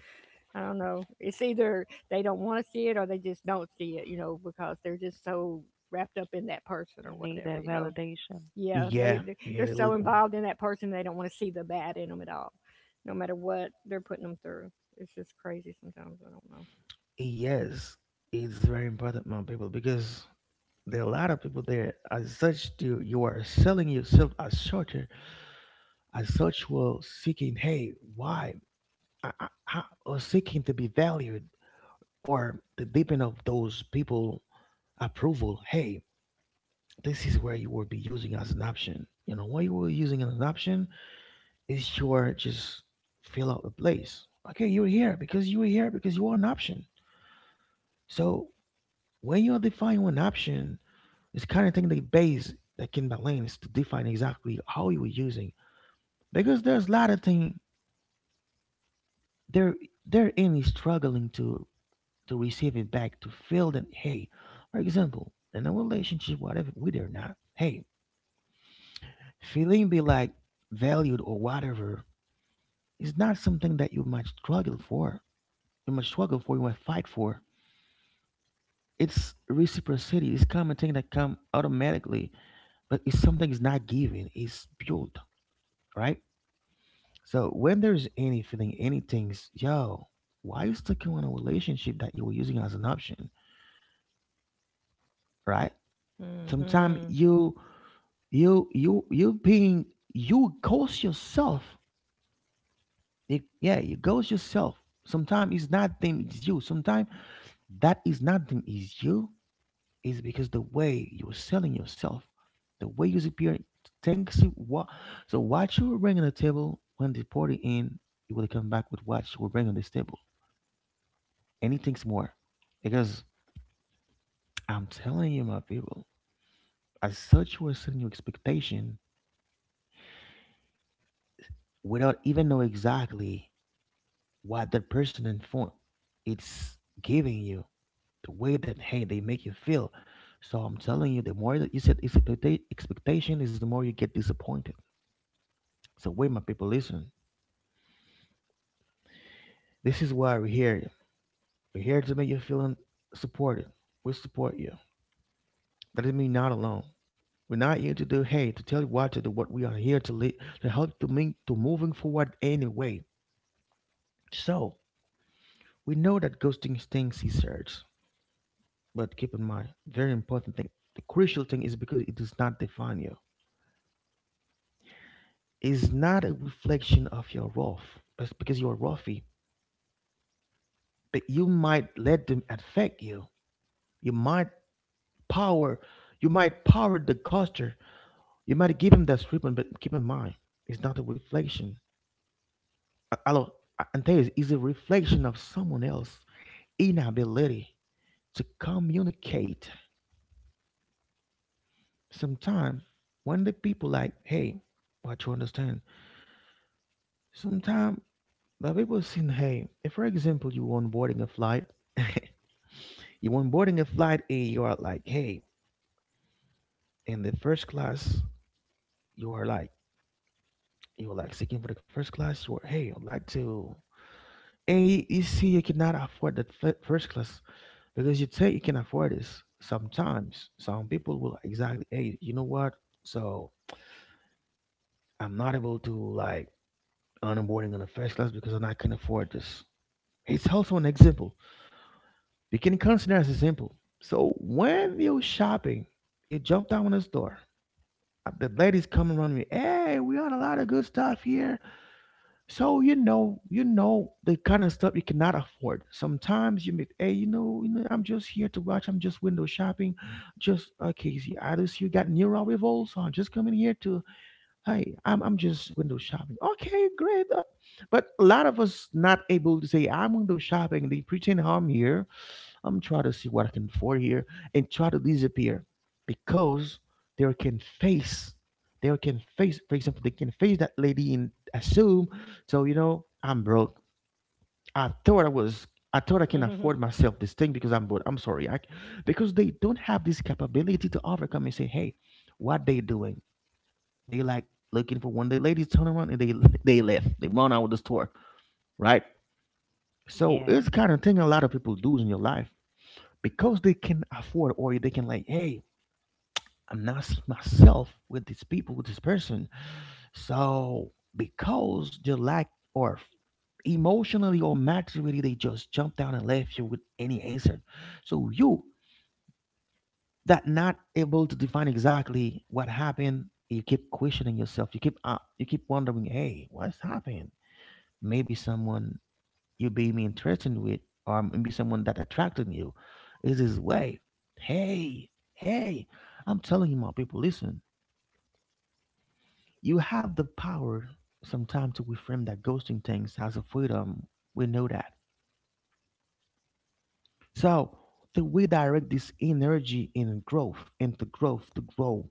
I don't know. It's either they don't want to see it or they just don't see it, you know, because they're just so wrapped up in that person
You
or
need
whatever,
that
you know.
validation.
Yeah,
Yeah,
they're
yeah, they
so
look-
involved in that person they don't want to see the bad in them at all, no matter what they're putting them through. It's just crazy sometimes. I don't know.
yes, it's very important, my people, because there are a lot of people there. As such, do you are selling yourself as shorter. As such, will seeking, hey, why? I- or seeking to be valued, or the deepen of those people approval. Hey, this is where you will be using as an option. You know, what you were using as an option is your just fill out the place. Okay, you're here because you were here because you are an option. So when you're defining an option, it's kind of thing they base like in that lane is to define exactly how you were using, because there's a lot of thing they're they're only struggling to receive it back to feel that, hey, for example, in a relationship, whatever with or not, hey, feeling be like valued or whatever is not something that you might struggle for. You might struggle for, you might fight for. It's reciprocity, it's common thing that come automatically, but it's something is not given, it's built, right? So when there's any feeling, any things, yo, why you stuck in a relationship that you were using as an option, right? Sometimes
Mhm.
you being, you ghost yourself. It, yeah, you ghost yourself. Sometimes it's not them, it's you. Sometimes that is not them, is you. Is because the way you're selling yourself, the way you appear, thanks you what. So what you were bringing to the table when the party in, you will come back with what you will bring on this table anything's more. Because I'm telling you, my people, as such, we're setting your expectation without even know exactly what that person in front it's giving you, the way that hey they make you feel. So I'm telling you, the more that you set expectation is the more you get disappointed. So wait, my people, listen. This is why we're here. We're here to make you feel supported. We support you. That doesn't mean you're not alone. We're not here to do hate, to tell you what to do, what we are here to lead, to help to move to moving forward anyway. So we know that ghosting stings is hurts, but keep in mind, very important thing. The crucial thing is because it does not define you. It's not a reflection of your worth. It's because you're roughy. But you might let them affect you. You might power you might power the culture. You might give him that treatment, but keep in mind, it's not a reflection. A- hello, and this is a reflection of someone else's inability to communicate. Sometimes, when the people like, hey, what you understand? Sometimes the people saying, hey, if for example you want boarding a flight, [laughs] you want boarding a flight and you are like, hey, in the first class, you are like, you are like seeking for the first class. You are, hey, I'd like to, and you see you cannot afford that first class. Because you think you can afford this, sometimes some people will exactly, hey, you know what, so I'm not able to like onboarding on the first class because I can afford this. It's also an example, you can consider as a example. So when you're shopping, you jump down on the store, the ladies come around you, hey, we got a lot of good stuff here. So you know the kind of stuff you cannot afford. Sometimes you make, hey, you know, I'm just here to watch. I'm just window shopping. Just okay, see, I just you got near our revolt, so I'm just coming here to, hey, I'm just window shopping. Okay, great. But a lot of us not able to say I'm window shopping. They pretend I'm here, I'm trying to see what I can afford here and try to disappear because they can face they can face for example they can face that lady and assume, so you know I'm broke. I thought I thought I can
Mhm.
afford myself this thing because I'm broke. I'm sorry. Because they don't have this capability to overcome and say, hey, what they doing? They like looking for one the ladies turn around and they left. They run out of the store. Right? So
Yeah,
it's kind of thing a lot of people do in your life. Because they can afford or they can like, hey, I'm not seeing myself with these people, with this person, so because they lack or emotionally or maturity, they just jump down and left you with any answer. So you that not able to define exactly what happened, you keep questioning yourself, you keep wondering, hey, what's happened? Maybe someone you being interested with, or maybe someone that attracted you, is his way. Hey, hey, I'm telling you, my people, listen, you have the power sometimes to reframe that ghosting things as a freedom. We know that. So to redirect this energy in growth, into growth to grow.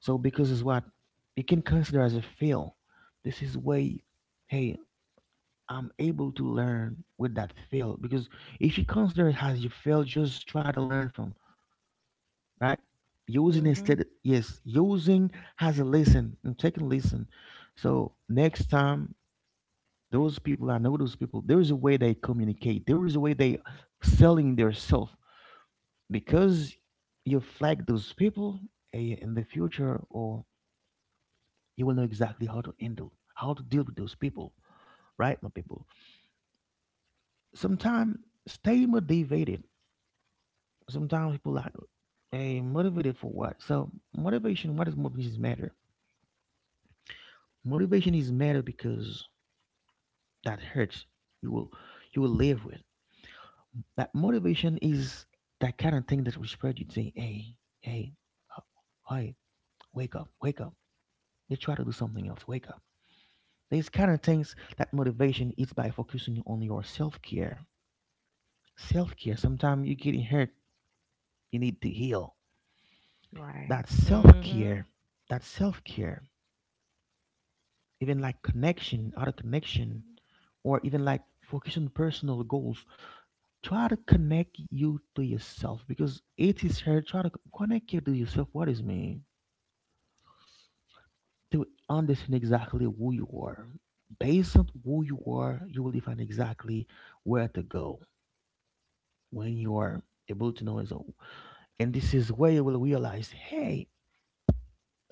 So because it's what you can consider as a fail. This is way, hey, I'm able to learn with that fail, because if you consider it as you fail, just try to learn from, right. Using
Mhm.
instead, yes, using has a lesson. I'm taking lesson. So next time, those people, I know those people. There is a way they communicate. There is a way they selling their self, because you flag those people, eh, in the future, or you will know exactly how to handle, how to deal with those people, right, my people. Sometimes stay motivated. Sometimes people like, hey, motivated for what? So motivation, what does motivation matter? Motivation is matter because that hurts. You will, you will live with that motivation. Is that kind of thing that will spread? You say, hey, hey, uh, hey, wake up, wake up, let's try to do something else, wake up. These kind of things that motivation is by focusing on your self-care. Self-care, sometimes you're getting hurt, you need to heal.
right.
that
Mhm.
self-care that self-care even like connection, other connection, or even like focus on personal goals. Try to connect you to yourself because it is here. Try to connect you to yourself. What is me? To understand exactly who you are. Based on who you are, you will define exactly where to go. When you are able to know as a, and this is where you will realize, hey,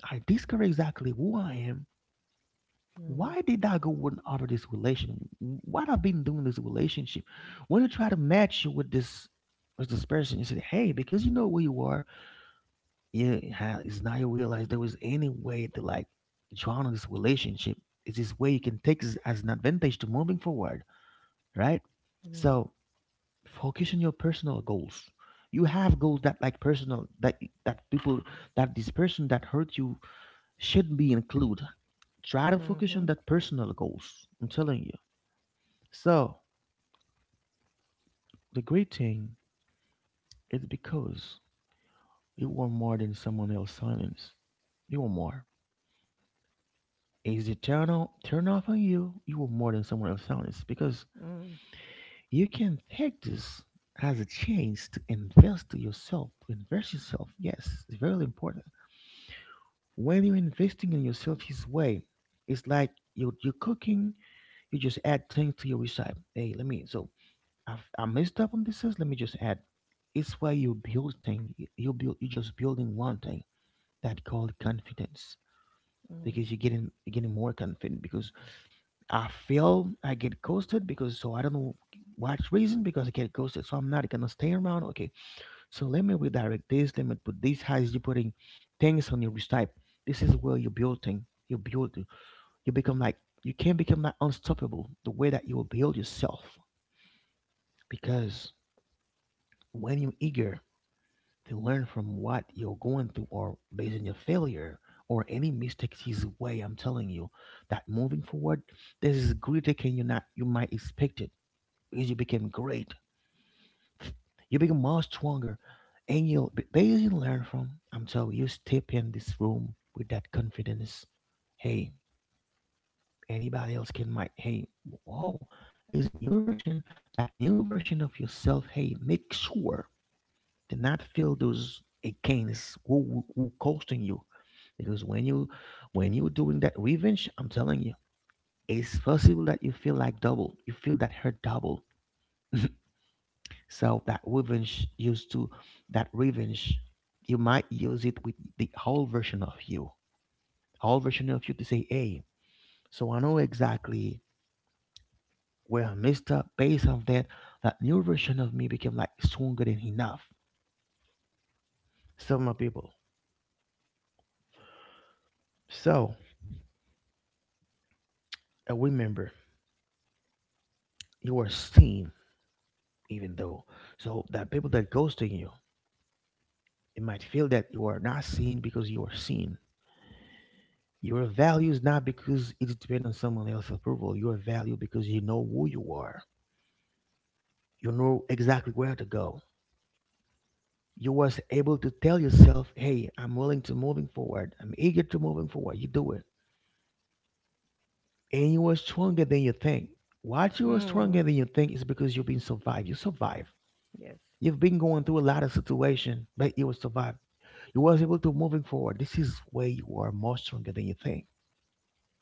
I discover exactly who I am.
Mm,
Why did I go and offer this relation? What I've been doing this relationship? When you try to match you with this person, you said, "Hey, because you know where you are, yeah, it's now you realize there was any way to like join on this relationship. It's this way you can take this as an advantage to moving forward, right?
mm,
So focus on your personal goals. You have goals that like personal, that people, that this person that hurt you, should be included. Try to focus on
mhm,
that personal goals. I'm telling you. So the great thing is because you want more than someone else's silence. You want more. Is it turn on turn off on you? You want more than someone else's silence, because
mm,
you can take this as a chance to invest to yourself, to invest yourself. Yes, it's very important. When you're investing in yourself his way, it's like you're cooking, you just add things to your recipe. Hey, let me so I messed up on this. Let me just add. It's where you build thing. You build. You're just building one thing that called confidence, because
mm,
you're getting more confident, because I feel I get ghosted because so I don't know what reason, because I get ghosted, so I'm not gonna stay around. Okay, so let me redirect this. Let me put this. How is you putting things on your wrist type? This is where you're building. You build. You become like, you can become like unstoppable. The way that you will build yourself, because when you're eager to learn from what you're going through, or based on your failure or any mistakes his way, I'm telling you, that moving forward, this is greater can you not, you might expect it, because you became great, you become much stronger. And you'll be- based you learn from. I'm telling you, step in this room with that confidence. Hey, anybody else can might, hey, wow, is new version, that new version of yourself. Hey, make sure, do not feel those against who costing you. Because when you doing that revenge, I'm telling you, it's possible that you feel like double. You feel that hurt double. [laughs] So that revenge used to, that revenge, you might use it with the whole version of you. Whole version of you to say, hey, so I know exactly where I messed up based on that. That new version of me became like stronger than enough. So my people. So remember, you are seen. Even though so that people that ghosting you, it might feel that you are not seen, because you are seen. Your value is not because it depends on someone else's approval. Your value, because you know who you are, you know exactly where to go. You was able to tell yourself, hey, I'm willing to moving forward, I'm eager to moving forward, you do it. And you are stronger than you think. What you are stronger
mm.
than you think is because you've been survived, you survived.
[laughs] Yes,
You've been going through a lot of situation, but you will survive. He was able to moving forward. This is where you are more stronger than you think.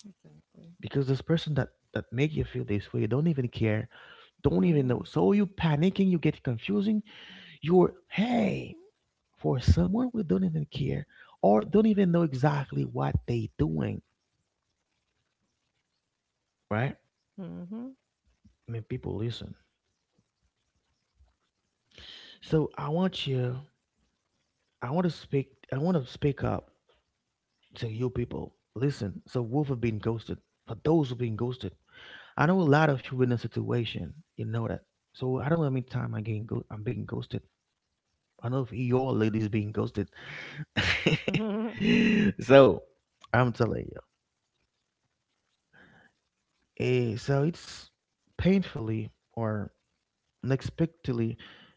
exactly.
Because this person that make you feel this way don't even care, don't even know.
Mhm,
So you panicking, you get confusing. You're, hey, for someone who don't even care or don't even know exactly what they doing, right?
mhm,
I mean, people, listen. So I want you, I want to speak up to you people. Listen, so Wolf have been ghosted. For those who've been ghosted, I know a lot of you in a situation, you know that. So I don't know how many time I'm being ghosted. I know if your ladies being ghosted.
[laughs]
[laughs] So I'm telling you. Eh, so it's painfully or unexpectedly,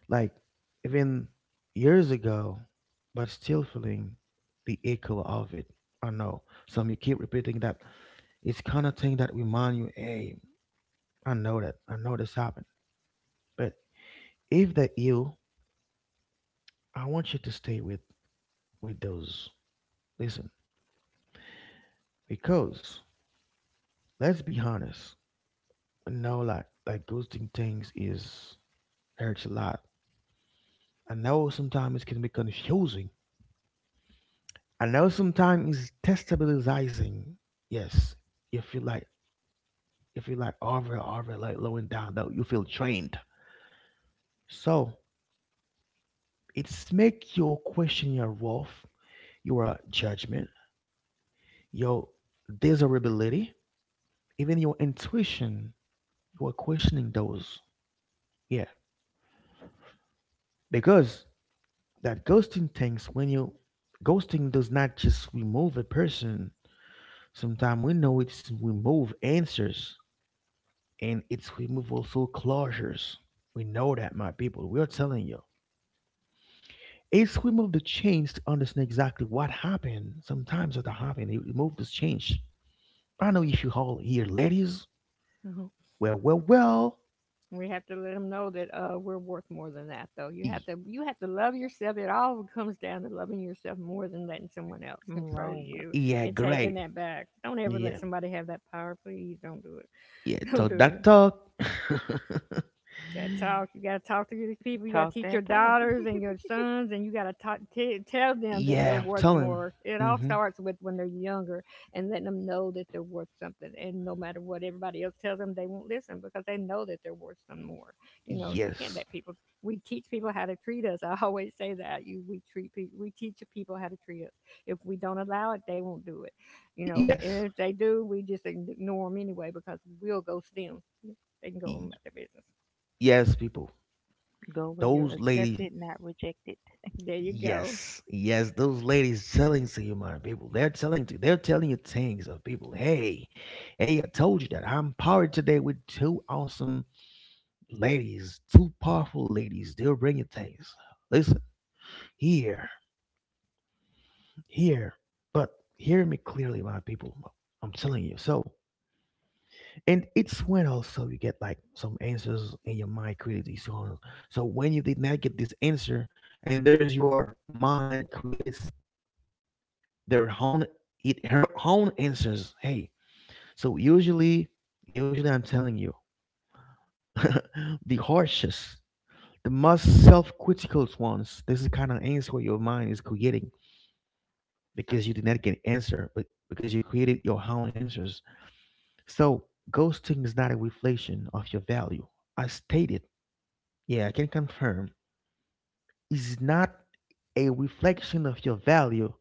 like even years ago, but still feeling the echo of it. I know. Some you keep repeating that. It's kind of thing that remind you, hey, I know that. I know this happened. But if that you, I want you to stay with those. Listen, because let's be honest, I know like that ghosting things is hurts a lot. I know sometimes it can be confusing. I know sometimes it's destabilizing. Yes, you feel like you feel like over like lowing down though, you feel drained. So it's make you question your worth, your judgment, your desirability, even your intuition. You are questioning those. Yeah. Because that ghosting things, when you ghosting does not just remove a person. Sometimes we know it's remove answers, and it's remove also closures. We know that, my people. We are telling you, it's remove the change to understand exactly what happened. Sometimes it happened, it remove this change. I know if you all here, ladies.
mhm,
Well, well, well.
We have to let them know that we're worth more than that, though. You have
y-
to love yourself. It all comes down to loving yourself more than letting someone else control
Right.
you
yeah,
and taking
great.
that back. Don't ever let
Yeah,
somebody have that power. Please don't do it.
yeah,
[laughs] Don't
talk
do it.
that talk.
You gotta talk.
[laughs]
You gotta talk to these people. You
Talk
gotta
that
teach your
talk.
daughters and your sons, and you gotta tell them that they're
Yeah,
worth
tell him.
more. It all
Mm-hmm.
starts with when they're younger and letting them know that they're worth something. And no matter what everybody else tells them, they won't listen because they know that they're worth some more. You know, you can't
Yes.
let people. We teach people how to treat us. [laughs] I always say that. You, we treat people. We teach people how to treat us. If we don't allow it, they won't do it. You know,
Yes.
and if they do, we just ignore them anyway because we'll go see them. They can go on
Y-
about their business.
Yes, people.
Go where you're
Those
accepted,
ladies.
not rejected.
There you go.
Yes. Yes, those ladies telling to you, my people. They're telling you things of people. Hey, hey, I told you that. I'm powered today with two awesome ladies, two powerful ladies. They'll bring you things. Listen, here, here. But hear me clearly, my people. I'm telling you. So and it's when also you get like some answers in your mind created, so when you did not get this answer, and there is your mind created their own, it her own answers, hey. So usually I'm telling you, [laughs] the harshest, the most self-critical ones, this is the kind of answer your mind is creating. Because you did not get answer, but because you created your own answers. So ghosting is not a reflection of your value. I stated, yeah, I can confirm. It's not a reflection of your value,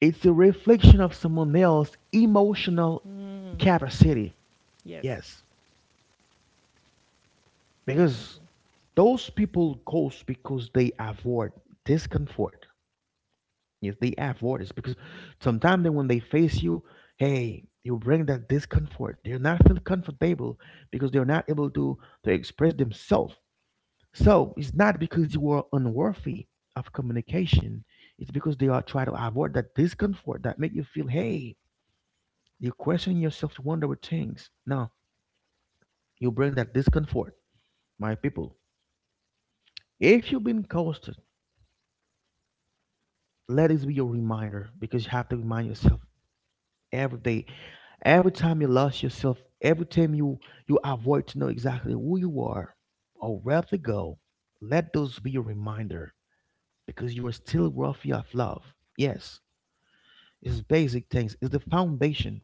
it's a reflection of someone else's emotional
Mm,
capacity.
yes,
Yes,
100.
because those people ghost because they avoid discomfort. Yes, they avoid it, because sometimes when they face you, hey, you bring that discomfort. They're not feel comfortable, because they're not able to express themselves. So it's not because you are unworthy of communication. It's because they are trying to avoid that discomfort that make you feel, hey, you question yourself, you wonder what things. Now you bring that discomfort, my people. If you've been ghosted, let this be your reminder, because you have to remind yourself every day, every time you lost yourself, every time you avoid to know exactly who you are or where to go. Let those be your reminder because you are still worthy of love. Yes, it's basic things. It's the foundation.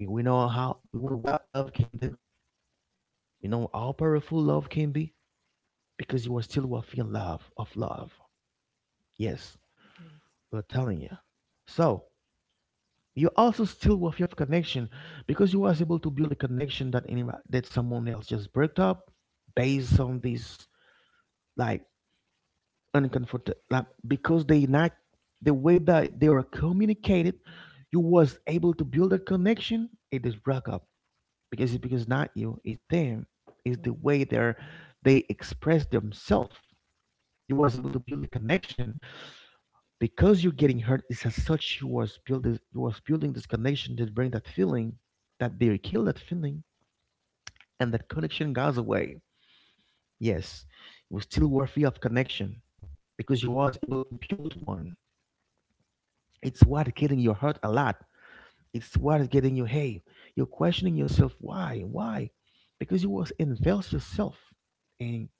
We know what love can do. We know how powerful love can be because you are still worthy love of love. Yes, we're telling you. So you also still worthy of connection because you was able to build a connection that any that someone else just broke up based on this, like, uncomfortable, like, because they not the way that they are communicated, you was able to build a connection it is broke up because it's because not you, it's them. It's the
Mm,
way they express themselves. You was able to build a connection because you're getting hurt. It's as such you was building this connection that bring that feeling that they kill that feeling and that connection goes away. Yes, it was still worthy of connection because you was able to build one. It's what getting your hurt a lot. It's what is getting you. Hey, you're questioning yourself. Why? Why? Because you was invest yourself. And.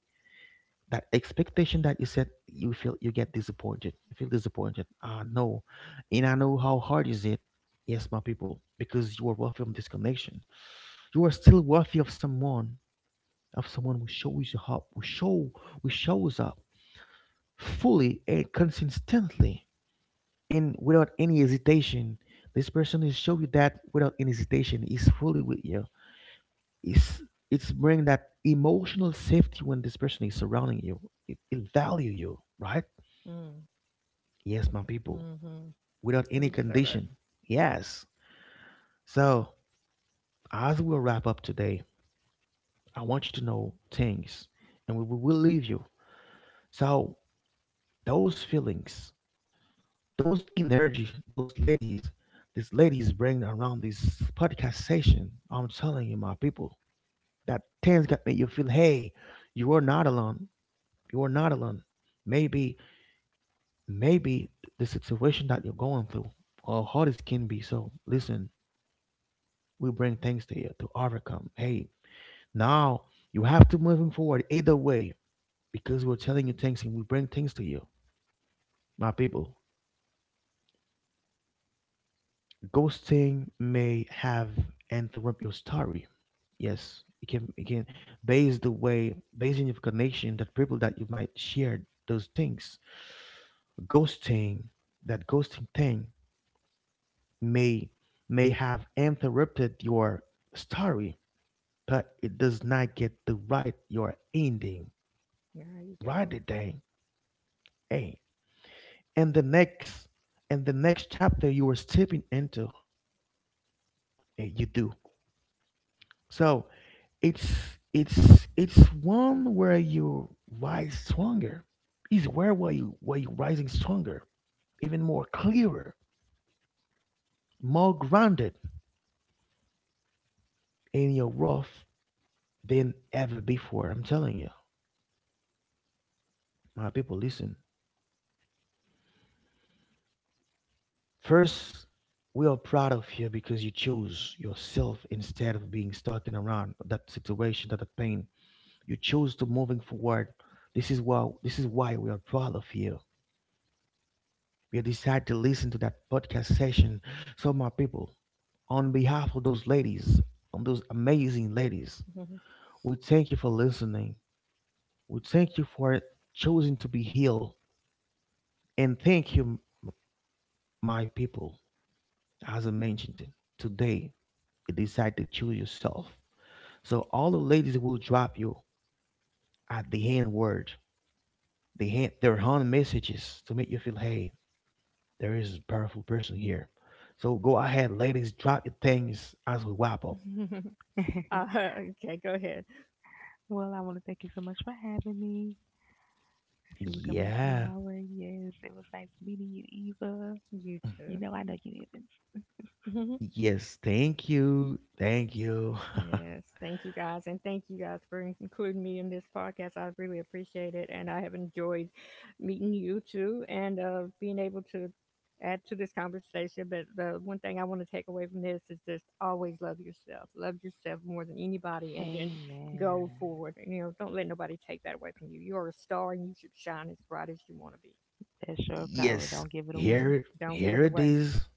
That expectation that you set, you feel, you get disappointed, you feel disappointed, ah no, and I know how hard is it. Yes, my people, because you are worthy of this connection. You are still worthy of someone, of someone who shows you up, who shows up fully and consistently and without any hesitation. This person will show you that without any hesitation is fully with you. It's it's bring that emotional safety when this person is surrounding you, it value you, right?
mm,
Yes, my people,
mm-hmm.
without
We
any
deserve it.
condition. Yes. So, as we wrap up today, I want you to know things, and we will leave you. So, those feelings, those energy, those ladies, these ladies bring around this podcast session. I'm telling you, my people, that things that make you feel, hey, you are not alone. You are not alone. Maybe, maybe the situation that you're going through, or how this can be. So, listen, we bring things to you to overcome. Hey, now you have to moving forward either way because we're telling you things and we bring things to you. My people, ghosting may have interrupt your story. Yes, it can base the way, based on your connection that people that you might share those things. Ghosting, that ghosting thing may may have interrupted your story, but it does not get to write your ending.
There you
Write the
go.
thing. Hey, and the next chapter you were stepping into, you do. So it's one where you rise stronger. It's where you rising stronger, even more clearer, more grounded in your worth than ever before. I'm telling you, my people, listen. First, we are proud of you because you chose yourself instead of being stuck in around that situation, that pain. You chose to moving forward. This is why we are proud of you. You decided to listen to that podcast session. So my people, on behalf of those ladies, on those amazing ladies, we thank you for listening. We thank you for choosing to be healed. And thank you, my people, as I mentioned it, today, you decide to choose yourself. So all the ladies will drop you at the end word, the hand, their hand messages to make you feel, hey, there is a powerful person here. So go ahead, ladies, drop your things as we wrap up.
[laughs]
[laughs]
Okay, go ahead.
Well, I want to thank you so much for having me. I see we're coming up on an hour.
Yeah.
Yes, it was nice meeting you, Eva.
You
You know I
too.
know you, Evans.
[laughs]
Yes. Thank you. Thank you. [laughs]
Yes, thank you guys, and thank you guys for including me in this podcast. I really appreciate it, and I have enjoyed meeting you too, and being able to add to this conversation. But the one thing I want to take away from this is just always love yourself more than anybody, and then
Amen.
go forward. And, you know, don't let nobody take that away from you. You're a star, and you should shine as bright as you want to be.
That's your power. Don't
Yes.
give it away.
Hmm Don't give it
Here it
away.
is.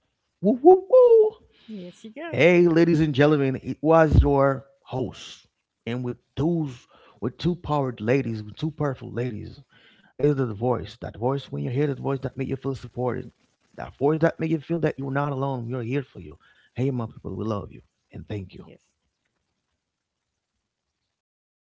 Woo woo woo.
Yes, you go.
Hey, ladies and gentlemen, it was your host, and with those, with two powerful ladies, is the voice. That voice, when you hear that voice, that make you feel supported. That voice that make you feel that you're not alone. We are here for you. Hey, my people, we love you and thank you.
Yes.
Woo